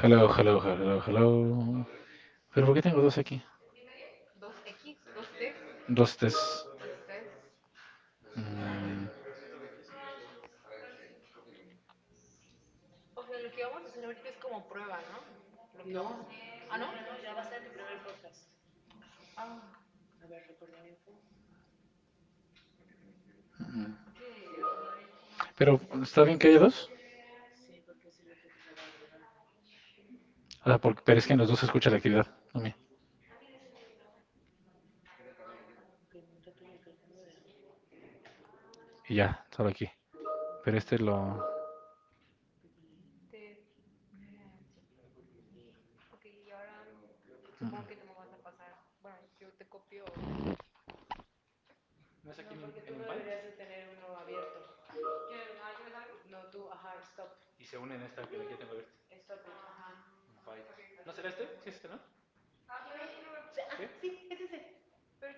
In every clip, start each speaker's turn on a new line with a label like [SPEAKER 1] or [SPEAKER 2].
[SPEAKER 1] Hello, hello, hello, hello. ¿Pero por qué tengo dos aquí? Dos X, dos T's, dos T's, dos T's. Mm, O sea, lo que vamos a hacer ahorita es como prueba, ¿no? Lo que vamos a- Ah, ¿no? Ah, mm. Pero está bien que haya dos. O sea, pero es que en los dos se escucha la actividad. A mí. Y ya, solo aquí. Pero este lo. Te. Ok, y ahora supongo que tú me vas a pasar. Bueno, yo te copio. No es aquí. No, en, porque tú en no deberías de tener uno abierto. ¿Quieres algo? No, tú, ajá, stop. Y se unen en esta que ya tengo abierta. Stop. Ajá. Un ¿No será este? Sí, es este, ¿no? Ah, sí, ¿sí? Sí, es ese.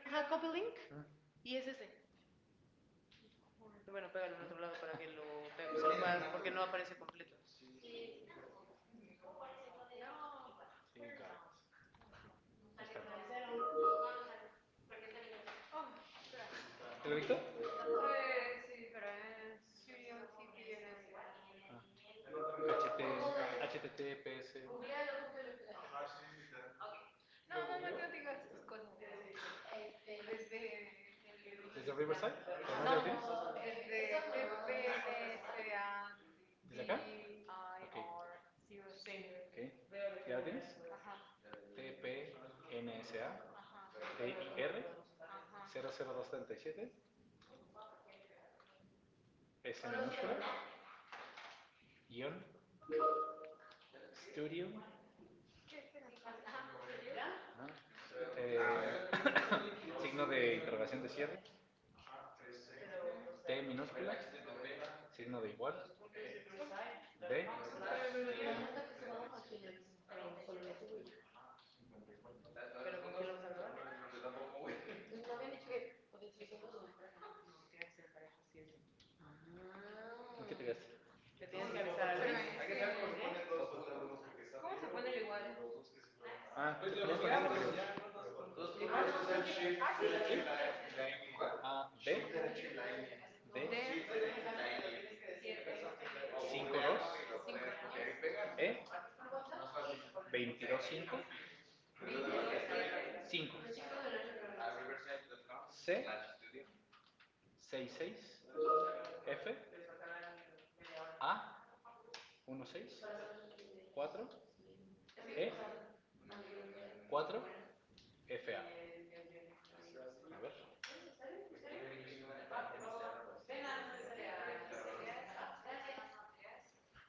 [SPEAKER 1] Ajá, copy link. Ah. Y es ese. Bueno, pégalo en otro lado para que lo, se lo porque no aparece completo. ¿Te lo dicto? Sí, pero es Studio TV en el- Ah. HT, HTTPS. No, no, no, no digas sus cosas. Desde. ¿Desde Riverside? ¿Desde No, Delfines? Desde PPSA. ¿Desde acá? IR00. Ok. ¿Ya lo tienes? T, P, N, S, A, D, I, R, cero, cero, dos, DIR y siete, S minúscula, guión, Studio, eh, signo de interrogación de cierre, T minúscula, signo de igual. ¿Eh? ¿Qué te gastas? Le tienes que avisar a Luis. ¿Cómo se pone el igual? Ah, te pones con eso, pero- Ah, D, D, siempre. 5, 2, cinco, ¿no? E, 22, cinco, cinco, C, 6, seis, F, A, 1, 6, 4, E, cuatro, F, A. A ver.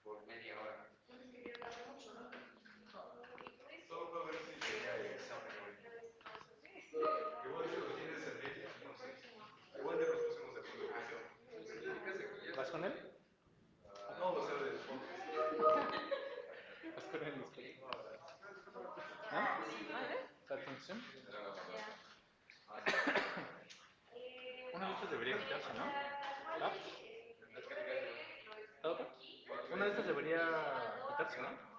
[SPEAKER 1] Por media hora. Solo para ver si llega el examen hoy. Igual si lo tienes en media, no sé. Igual ya nos pusimos de acuerdo. ¿Vas con él? No, o sea, del fondo. No. ¿Ah? Sartensim. Una. ¿La? ¿La otra? Una de estas debería quitarse, ¿no?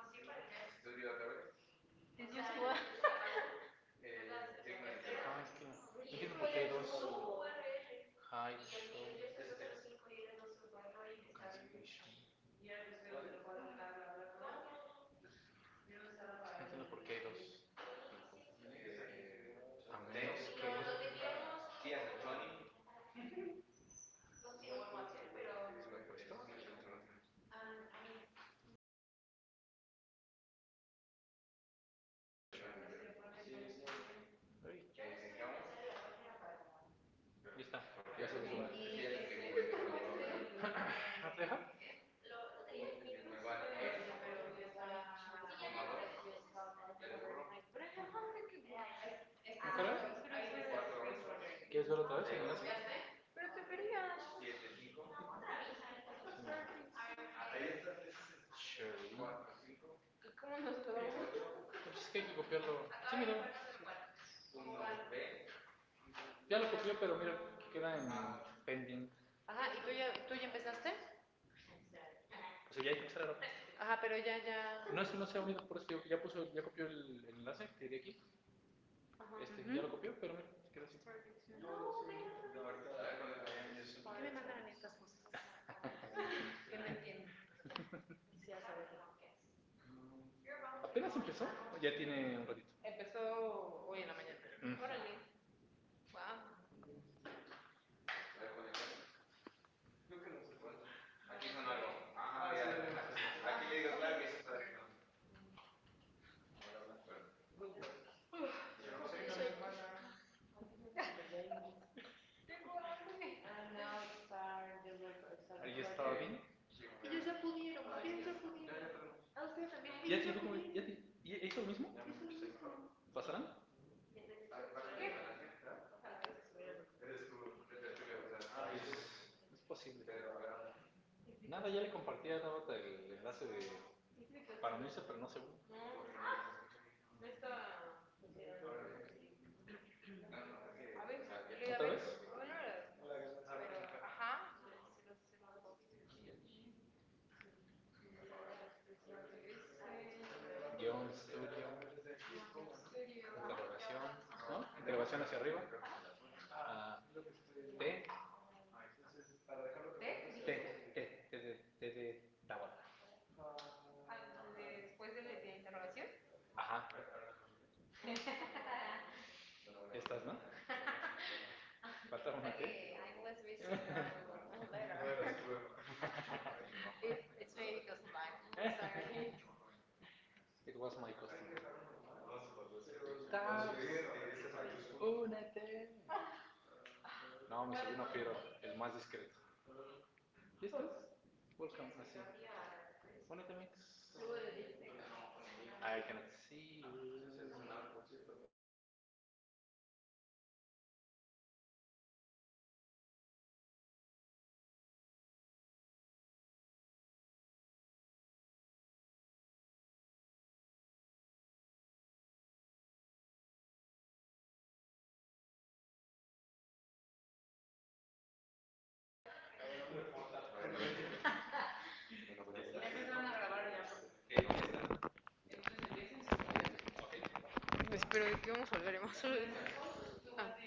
[SPEAKER 1] Ah, es que. No entiendo por qué hay dos. High show. Cancellation. No entiendo por qué hay dos. A menos que. ¿Qué hace Tony? ¿Lo he puesto?
[SPEAKER 2] Espero que vamos a hablar más sobre eso? Ah.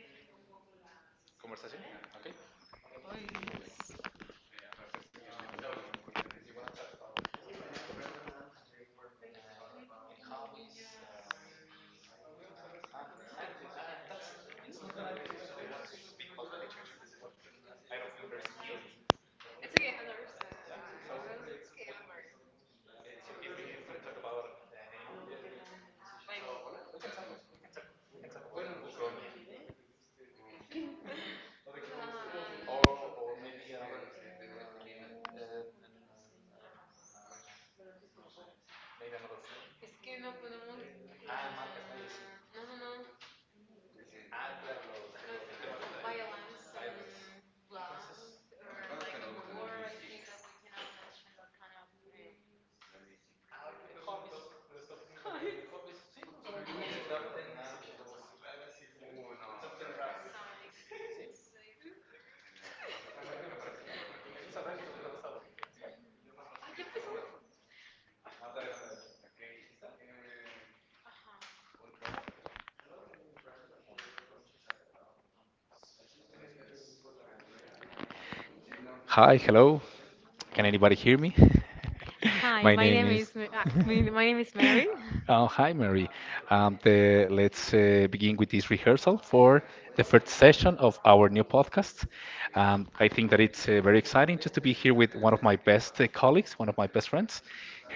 [SPEAKER 2] Es que no podemos. No, no, no. No, Violence and love, or like a war, I think that we cannot mention that kind of. eh, Hobbies. Hi, my name is my name is Mary.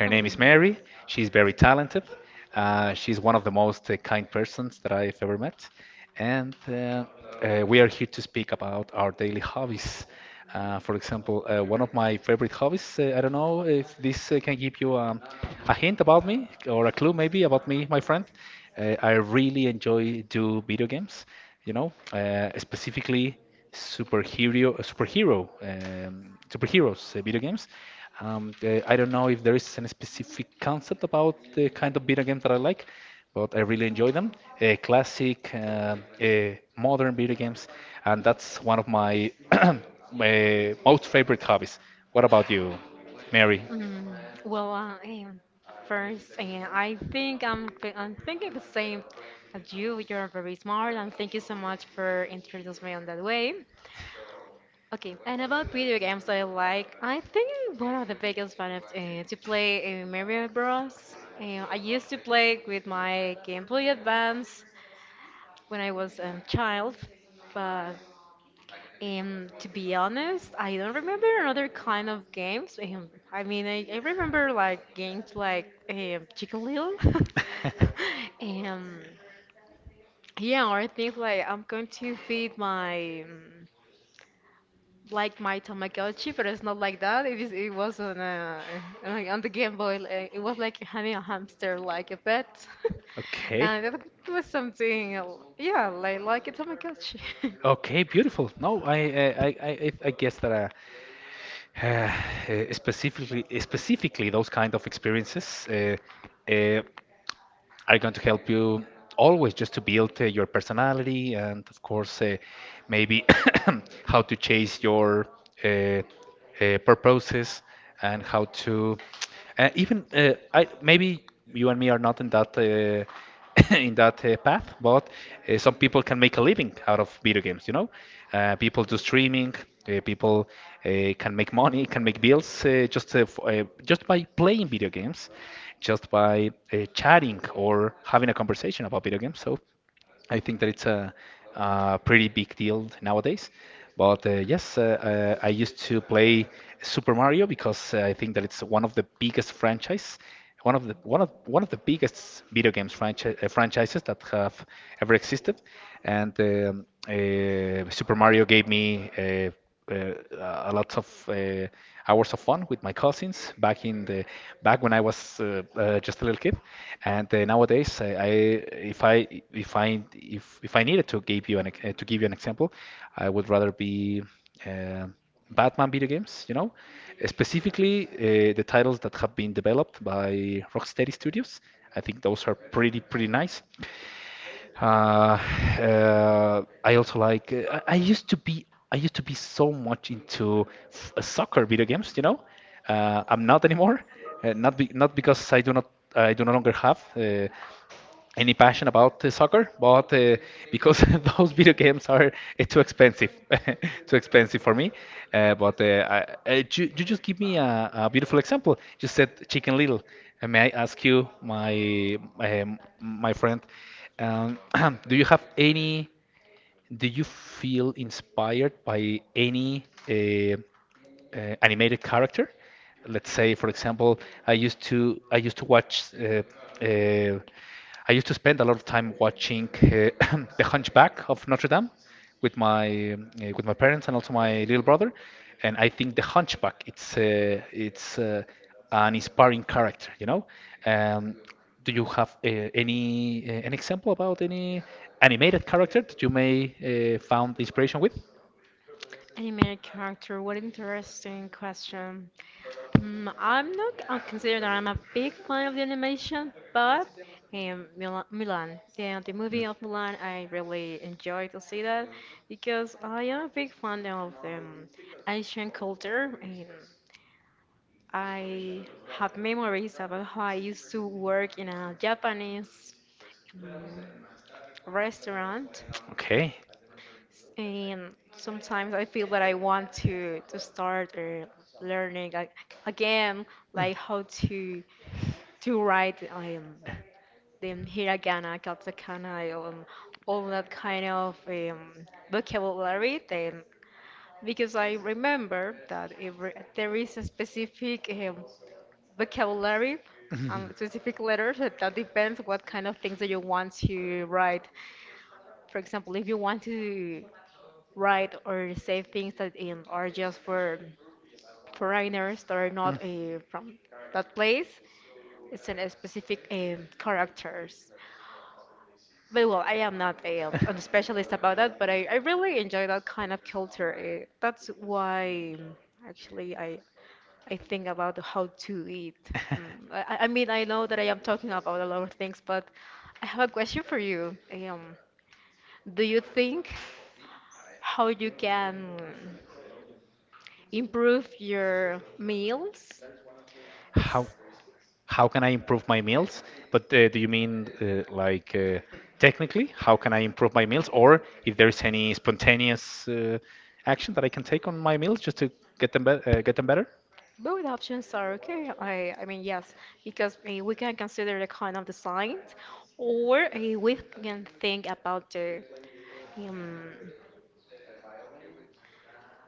[SPEAKER 2] Um, mm, well, first, I think I'm thinking the same as you. You're very smart, and thank you so much for introducing me on that way. Okay, and about video games I like, I think I'm one of the biggest fan of to play Mario Bros. I used to play with my Game Boy Advance when I was a child, but to be honest, I don't remember another kind of games. I mean, I remember like games like Chicken Little, um, yeah, or things like I'm going to feed my, like my Tamagotchi, but it's not like that. It is. It was on a on on the Game Boy. Like, it was like having a hamster, like a pet, and that was something. Yeah, like a Tamagotchi. Animated character. What interesting question. I'm not considering that I'm a big fan of the animation, but Milan, the movie of Milan, I really enjoy to see that because I am a big fan of Asian culture, and I have memories about how I used to work in a Japanese um, restaurant, and sometimes I feel that I want to start learning, like, again, like how to write them hiragana, katakana, all that kind of vocabulary. Then, because I remember that every, there is a specific vocabulary, specific letters that depends what kind of things that you want to write. For example, if you want to write or say things that are just for foreigners that are not from that place, it's in a specific characters. But well, I am not a specialist about that, but I really enjoy that kind of culture. That's why actually I think about how to eat. I mean, I know that I am talking about a lot of things, but I have a question for you. Do you think how you can improve your meals? It's Both options are okay. I mean, yes, because we can consider the kind of design, or we can think about the um,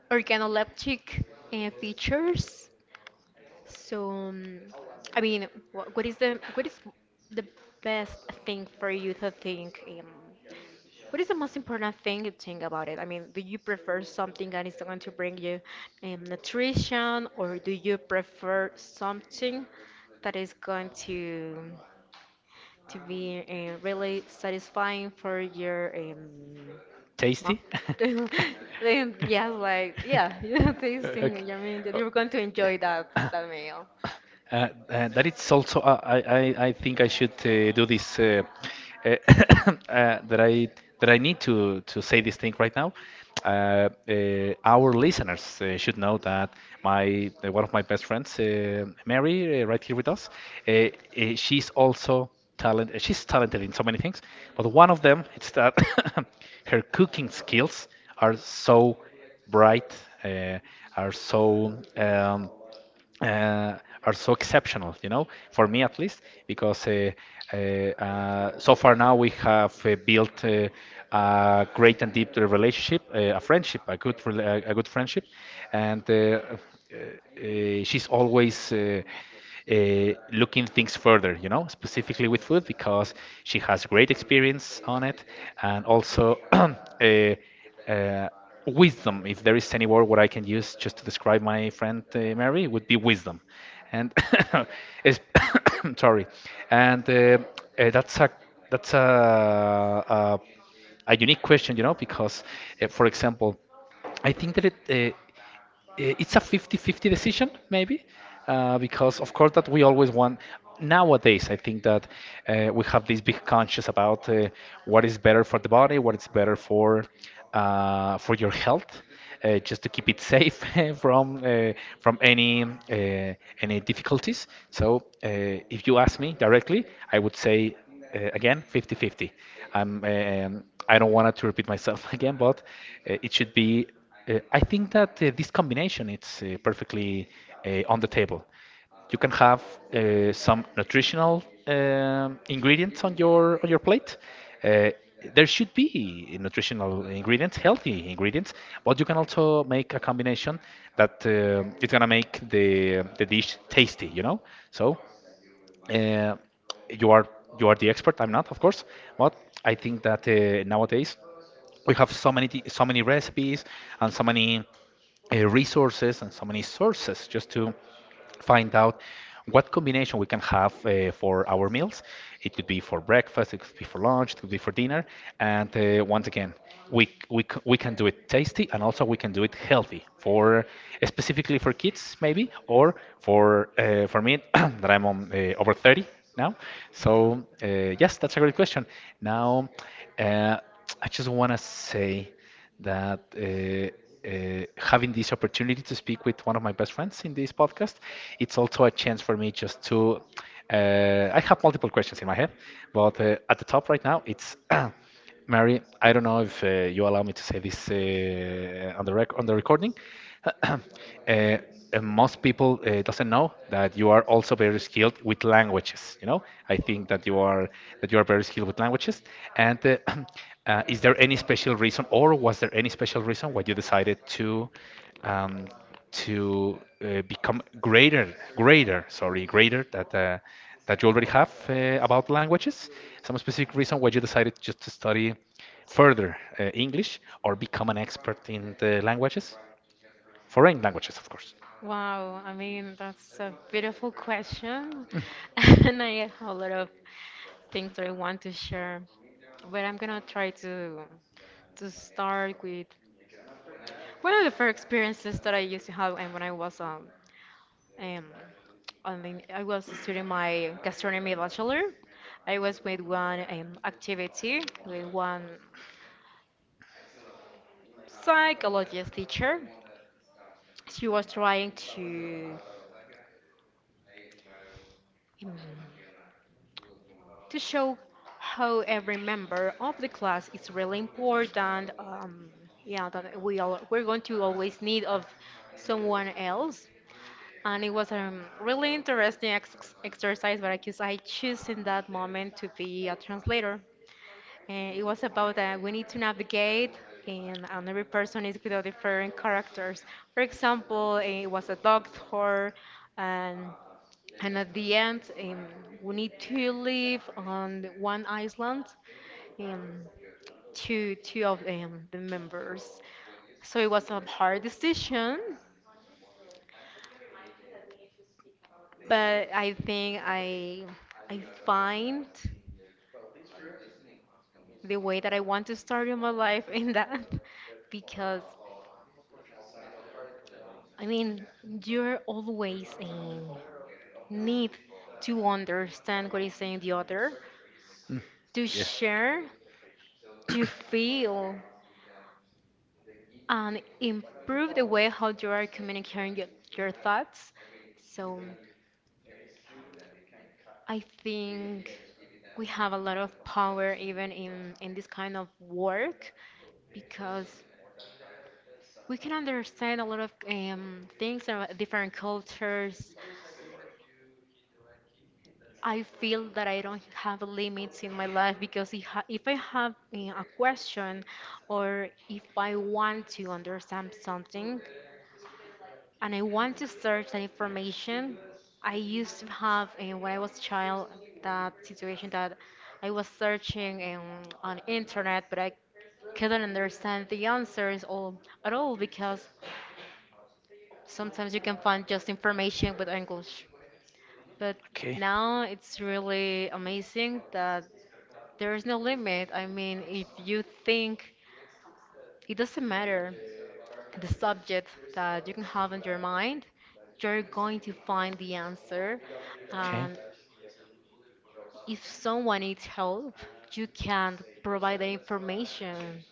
[SPEAKER 2] organoleptic features, so, I mean, what is the best thing for you to think? What is the most important thing you think about it? I mean, do you prefer something that is going to bring you nutrition, or do you prefer something that is going to be really satisfying for your mouth? Then, yes, like, yeah, tasting. I mean, that you're going to enjoy that meal. Wow, I mean, that's a beautiful question. And I have a lot of things that I want to share, but I'm gonna try to start with one of the first experiences that I used to have, and when I was um I mean, I was studying my gastronomy bachelor. I was with one activity with one psychologist teacher. She was trying um, to show how every member of the class is really important. Yeah, that we're going to always need of someone else. And it was a really interesting ex exercise, but I guess I choose in that moment to be a translator. And it was about that we need to navigate, and every person is with a different characters. For example, it was a doctor, and at the end, we need to live on one island, um, two of the members. So it was a hard decision, but I think I find the way that I want to start in my life in that. Because I mean, you're always in need to understand what is saying the other, to share, to feel, and improve the way how you are communicating your thoughts. So I think we have a lot of power even in this kind of work, because we can understand a lot of things about different cultures. I feel that I don't have limits in my life because if I have a question, or if I want to understand something and I want to search that information, I used to have, when I was a child, that situation that I was searching on internet, but I couldn't understand the answers all at all, because sometimes you can find just information with English. But now it's really amazing that there is no limit. I mean, if you think, it doesn't matter the subject that you can have in your mind, you're going to find the answer. And if someone needs help, you can provide the information.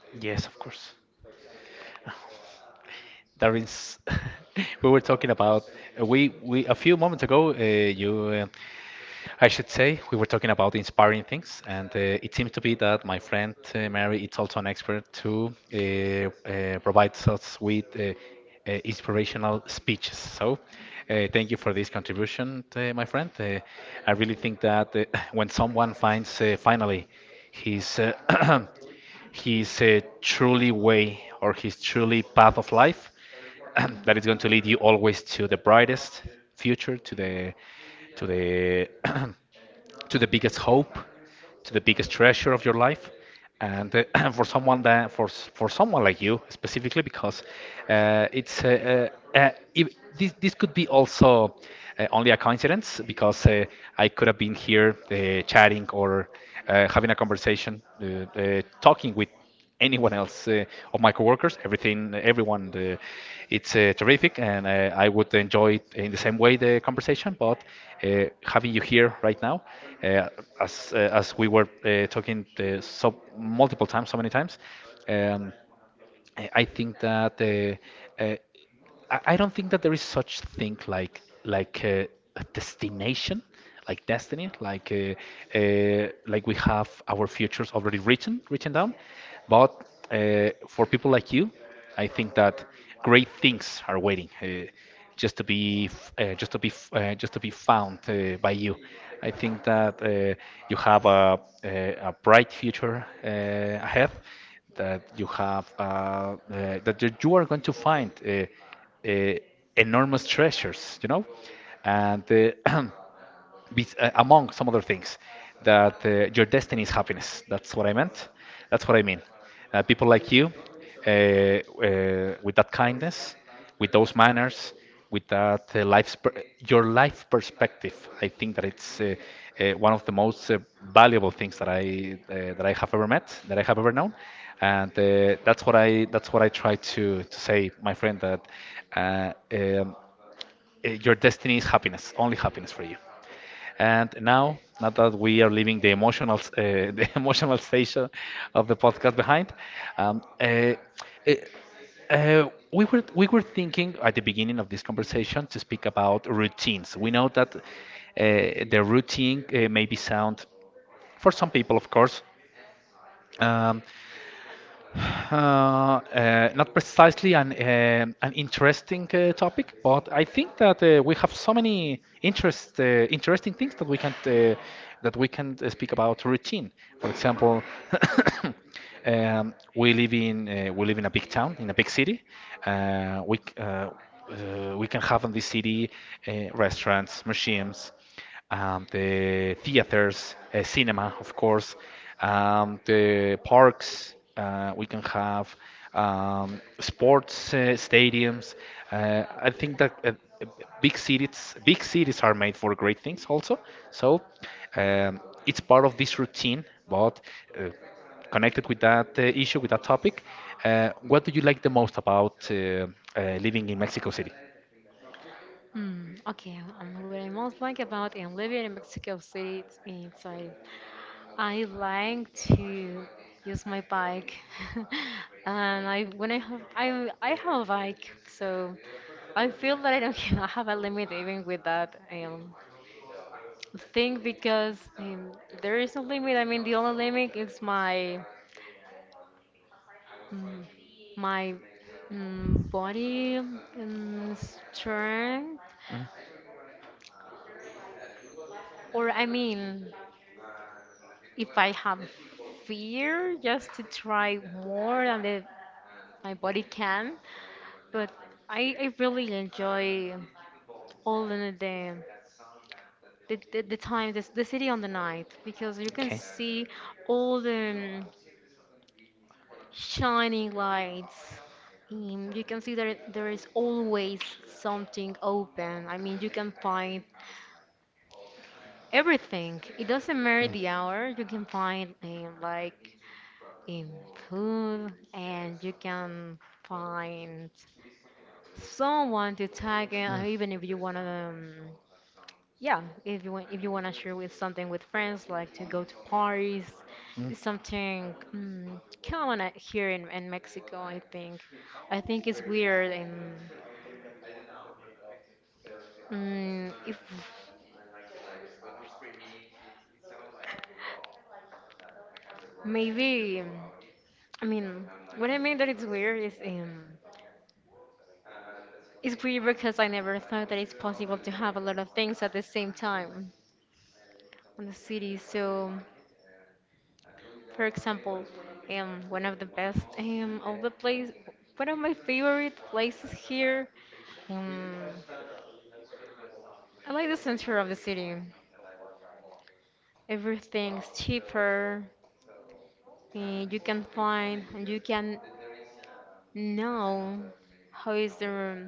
[SPEAKER 2] Hmm. Okay, what I most like about in living in Mexico City is being inside. I like to use my bike, and I when I have a bike, so I feel that I don't have a limit even with that thing, because there is no limit. I mean, the only limit is my mm, my body strength, or I mean, if I have fear, just to try more than my body can. But I really enjoy all in the day, the time, the city on the night, because you can see all the shining lights. You can see that there is always something open. I mean, you can find everything. It doesn't matter the hour. You can find like, um, food, and you can find someone to tag in, even if you want to. Yeah, if you want to share with something with friends, like to go to parties, it's something common, here in Mexico. I think it's weird, and if maybe, I mean, what I mean that it's weird is it's weird because I never thought that it's possible to have a lot of things at the same time in the city. So. For example, one of the best of the place, one of my favorite places here. Um, I like the center of the city. Everything's cheaper. You can find and you can know how is the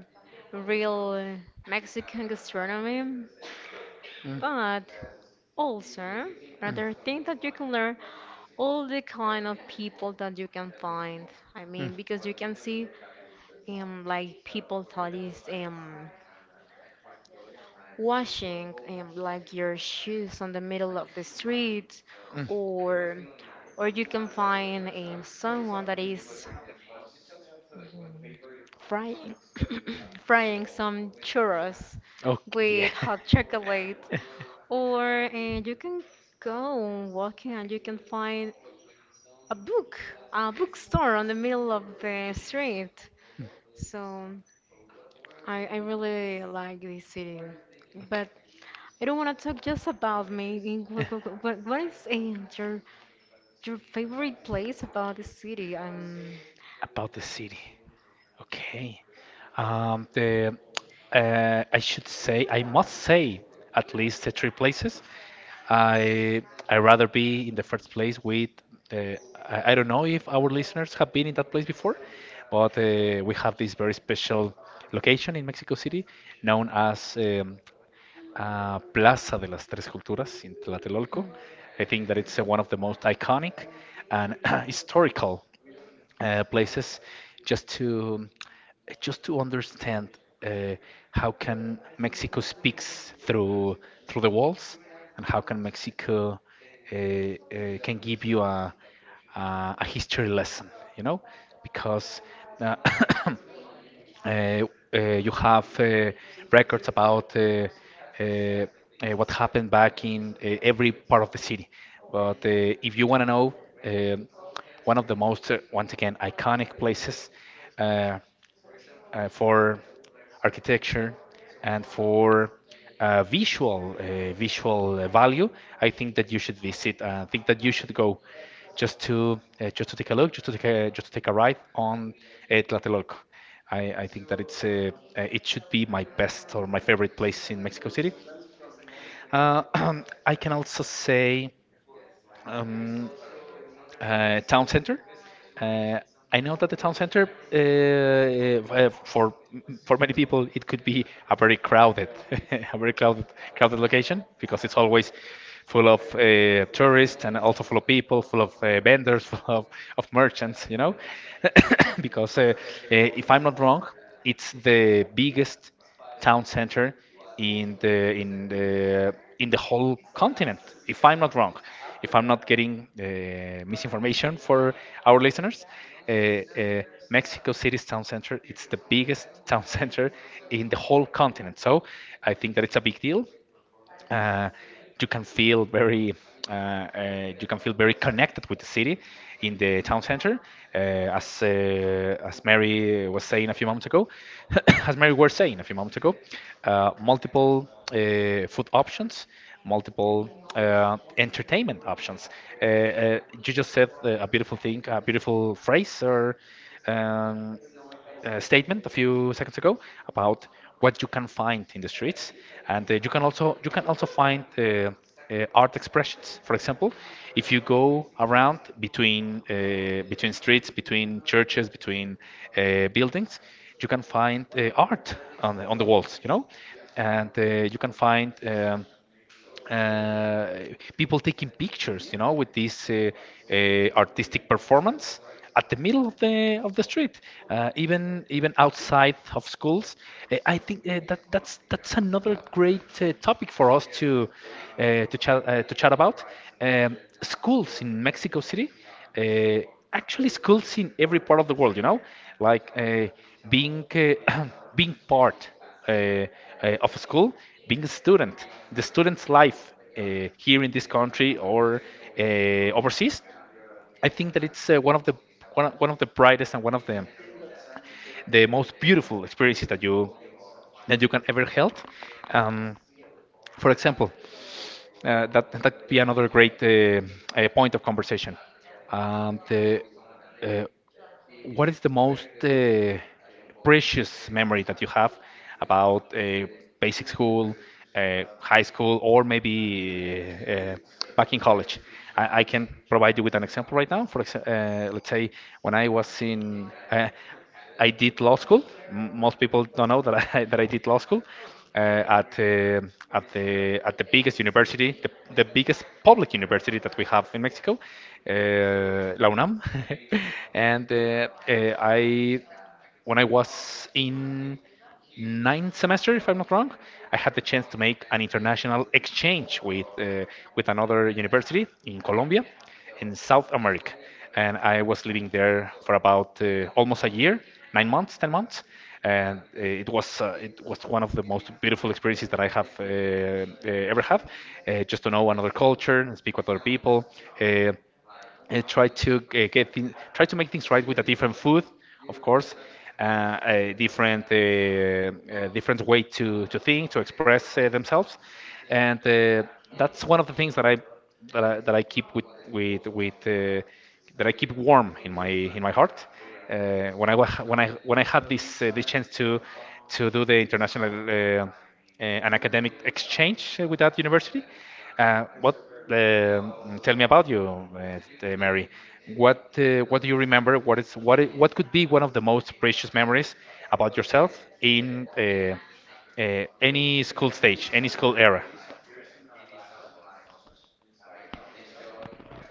[SPEAKER 2] real Mexican gastronomy. But also, another thing that you can learn all the kind of people that you can find. I mean, because you can see like, people thought is washing, like, your shoes on the middle of the street, or you can find someone that is mm, frying frying some churros with hot chocolate, or you can go walking and you can find a book, a bookstore on the middle of the street. So. I really like this city, but I don't want to talk just about me. What is your your favorite place about the city? Oh,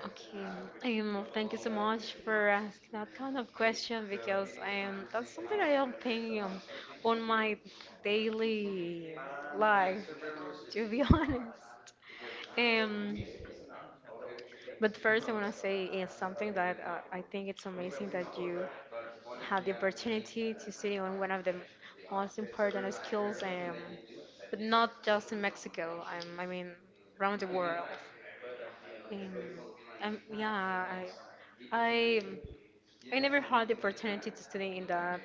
[SPEAKER 2] okay, thank you so much for asking that kind of question, because that's something I am thinking on my daily life, to be honest. Um, But first, I want to say is something that I think it's amazing that you have the opportunity to study on one of the most important skills, but not just in Mexico. I mean, around the world. Um, yeah, I, I, I never had the opportunity to study in that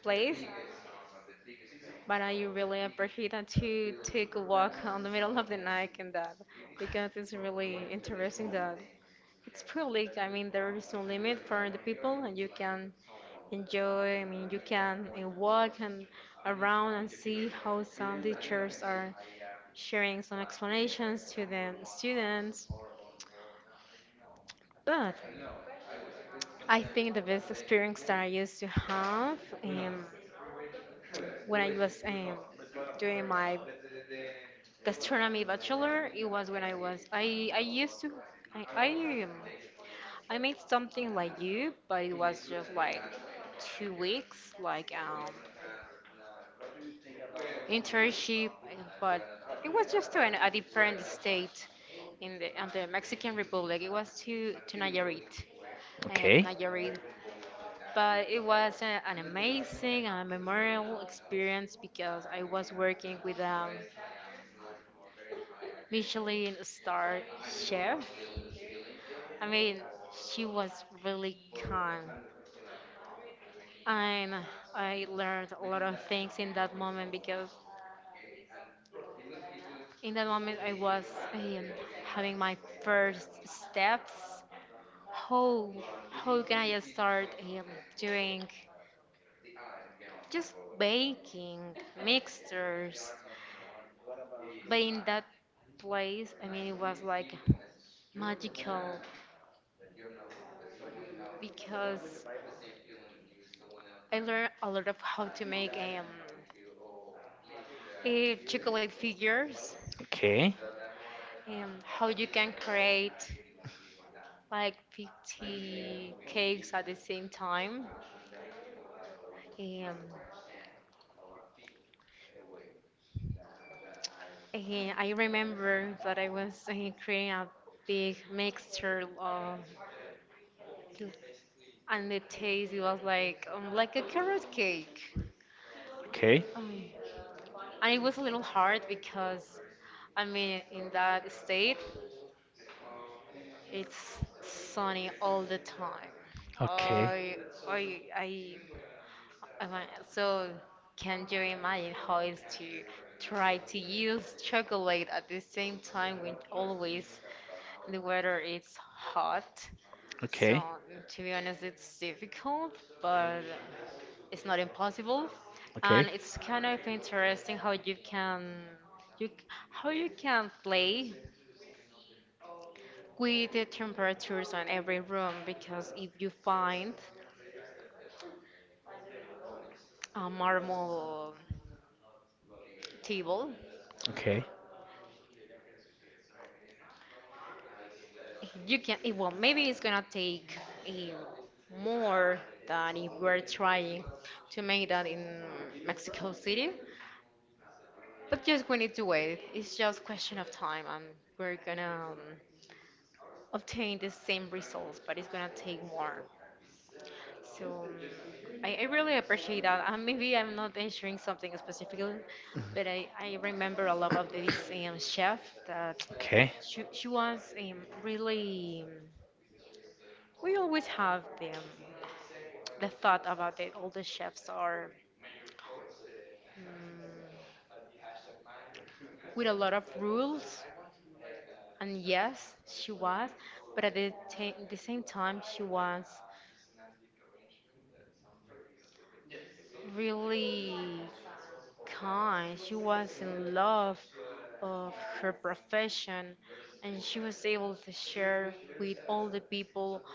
[SPEAKER 2] place, but I really appreciate that you take a walk on the middle of the night, and that because it's really interesting that it's public. I mean, there is no limit for the people, and you can enjoy. I mean, you can walk and around and see how some teachers are sharing some explanations to the students. But I think the best experience that I used to have, um, when I was doing my gastronomy bachelor, it was when i i, um, I made something like you, but it was just like 2 weeks, like internship. But it was just to a different state in the on the Mexican republic. It was to Nayarit. I am Nayarit. But it was an amazing and memorable experience, because I was working with a Michelin star chef. I mean, she was really calm. And I learned a lot of things in that moment, because in that moment I was um, having my first steps. How how can I start doing just baking mixtures? But in that place, I mean, it was like magical because I learned a lot of how to make chocolate figures, how you can create like 50 cakes at the same time. Um, and I remember that I was creating a big mixture of, and the taste it was like a carrot cake. Um, and it was a little hard because, I mean, in that state, it's sunny all the time. I I so can you imagine how is to try to use chocolate at the same time when always the weather is hot? So to be honest, it's difficult, but it's not impossible, and it's kind of interesting how you can you c- how you can play with the temperatures on every room because if you find a marble table. You can, well, maybe it's gonna take eh, more than if we're trying to make that in Mexico City, but just we need to wait. It's just question of time, and we're gonna obtain the same results, but it's gonna take more. So I really appreciate that. And maybe I'm not answering something specifically, but I remember a lot of this chef that she was really. We always have them the thought about it. All the chefs are mm, with a lot of rules, and yes, she was, but at the, the same time, she was really kind. She was in love of her profession, and she was able to share with all the people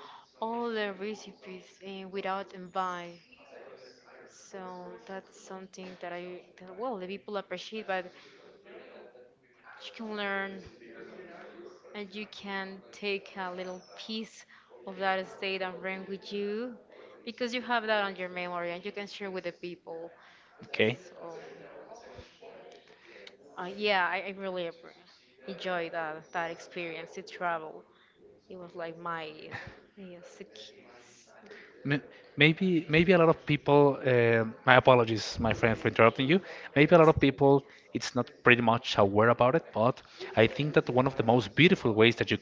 [SPEAKER 2] all the recipes without envy. So that's something that well the people appreciate, but she can learn and you can take a little piece of that state and bring with you because you have that on your memory and you can share with the people. So, yeah, I really enjoy that experience to travel. It was like my yeah, it's-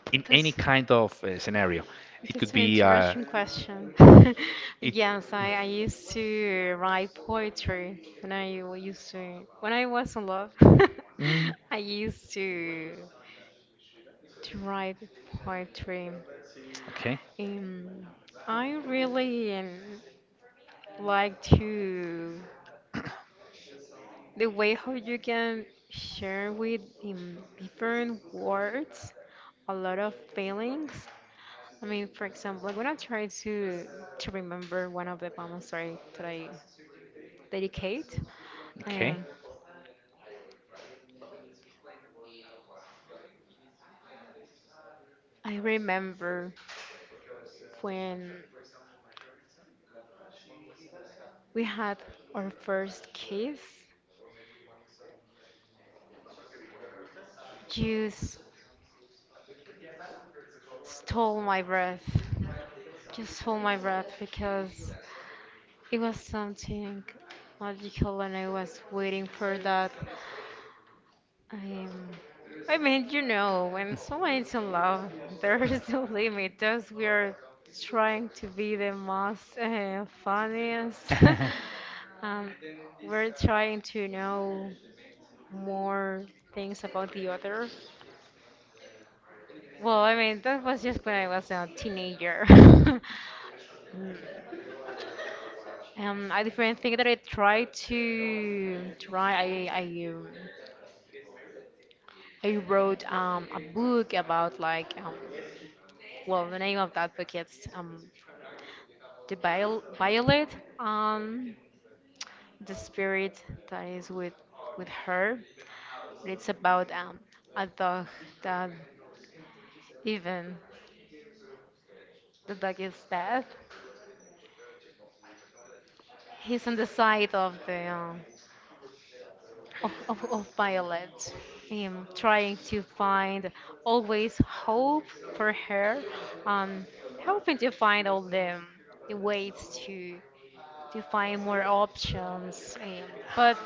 [SPEAKER 2] any Because kind. That's an interesting question. Yes, I used to write poetry when I wa- used to when I was in love. I used to write poetry. Um, I really like to the way how you can share with different words a lot of feelings. I mean, for example, like when I try to remember one of the poems that I dedicate, um, I remember when we had our first kiss, you s- stole my breath. Just stole my breath because it was something magical and I was waiting for that. Um, I mean, you know, when someone is in love, there is no limit. Just we are trying to be the most funniest. Um, we're trying to know more things about the other. Well, I mean, that was just when I was a teenager. Mm. A different thing that I tried to try, I wrote a book about like well, the name of that book is The Violet, um, the spirit that is with her. It's about a dog that even the dog is dead. He's on the side of the of Violet, trying to find always hope for her, um, helping to find all the ways to find more options. But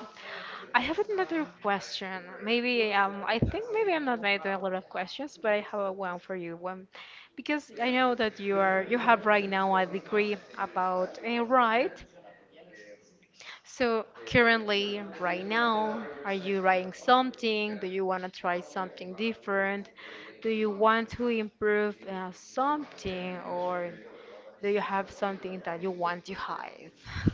[SPEAKER 2] I have another question. Maybe I think maybe I'm not made a lot of questions, but I have a one for you. One, because I know that you have right now a degree about right. So currently, right now, are you writing something? Do you want to try something different? Do you want to improve something, or do you have something that you want to hide?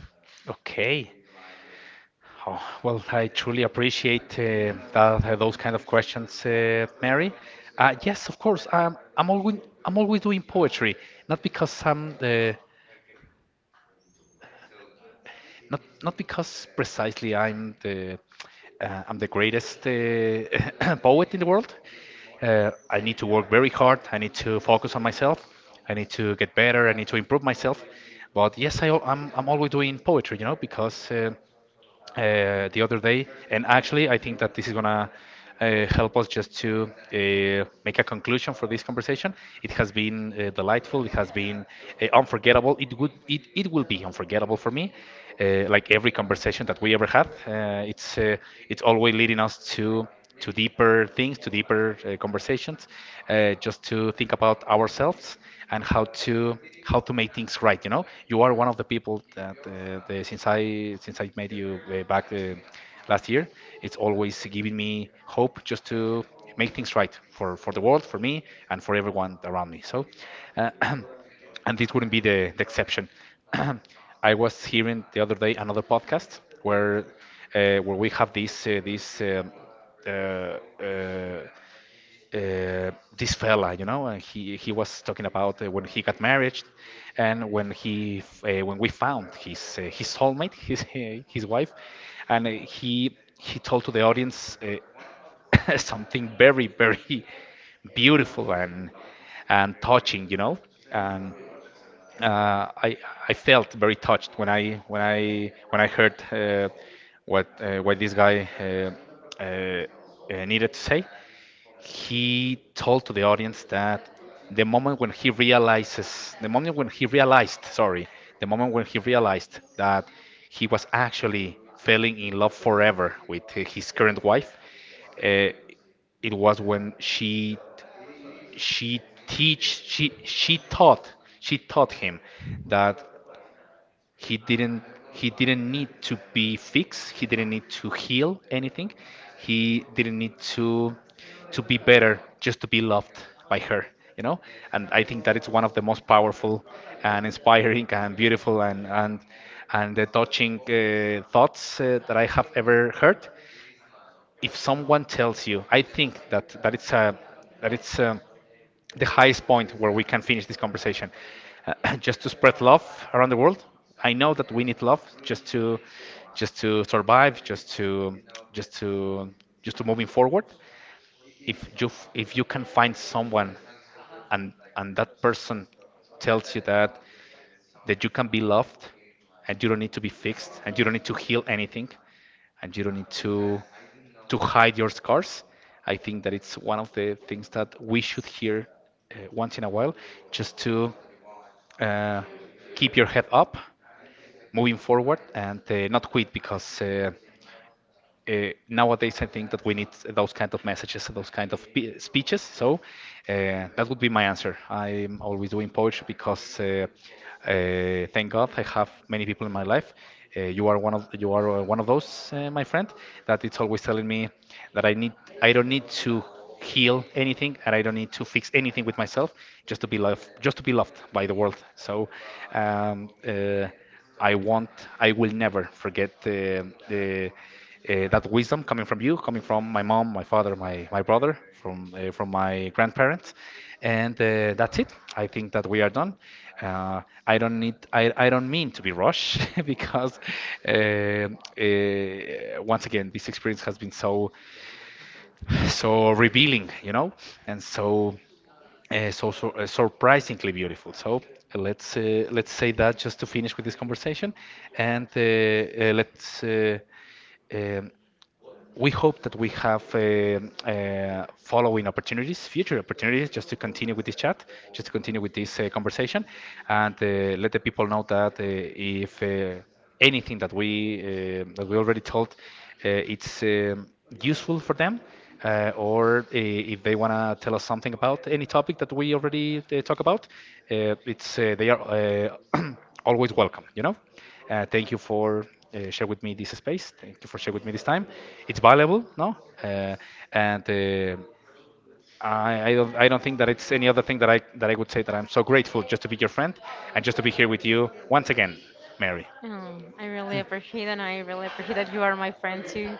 [SPEAKER 2] Oh, I really appreciate it, and I really appreciate that you are my friend too.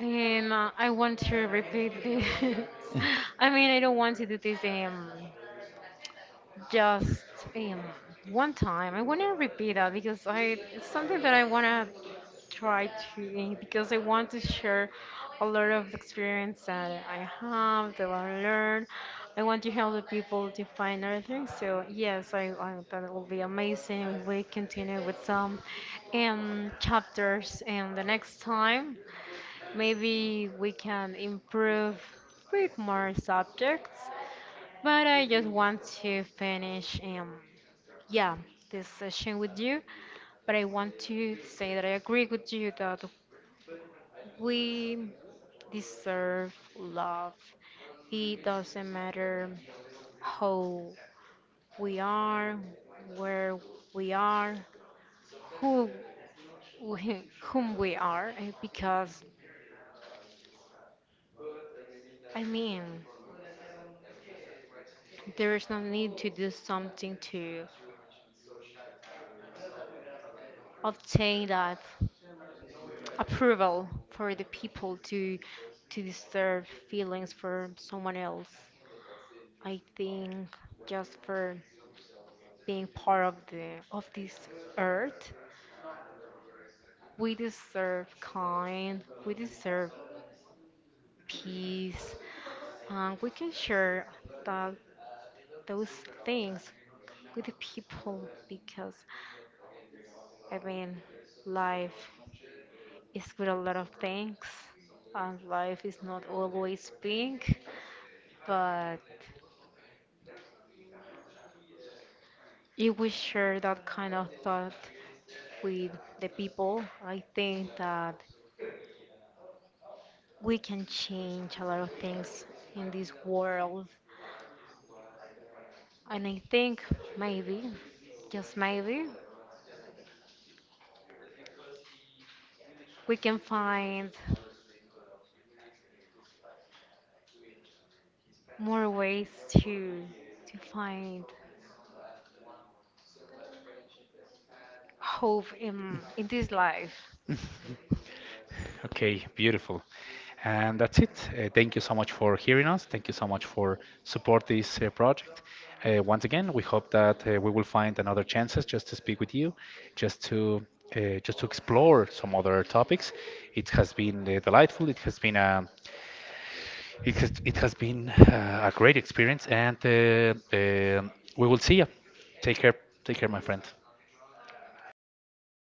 [SPEAKER 2] And I want to repeat this. I mean, I don't want to do this. Just um, one time. I want to repeat that because I it's something that I want to try to because I want to share a lot of experience that I have that I learned. I want to help the people to find other things. So yes, I that will be amazing if we continue with some chapters and the next time maybe we can improve with more subjects but I just want to finish, yeah, this session with you. But I want to say that I agree with you that we deserve love. It doesn't matter how we are, where we are, who whom we are, because I mean, there is no need to do something to obtain that. Approval for the people to deserve feelings for someone else. I think just for being part of the of this earth, we deserve kind, we deserve peace, and we can share that those things with the people because I mean life is with a lot of things and life is not always pink but if we share that kind of thought with the people, I think that we can change a lot of things in this world. And I think maybe, just maybe, we can find more ways to find hope in this life.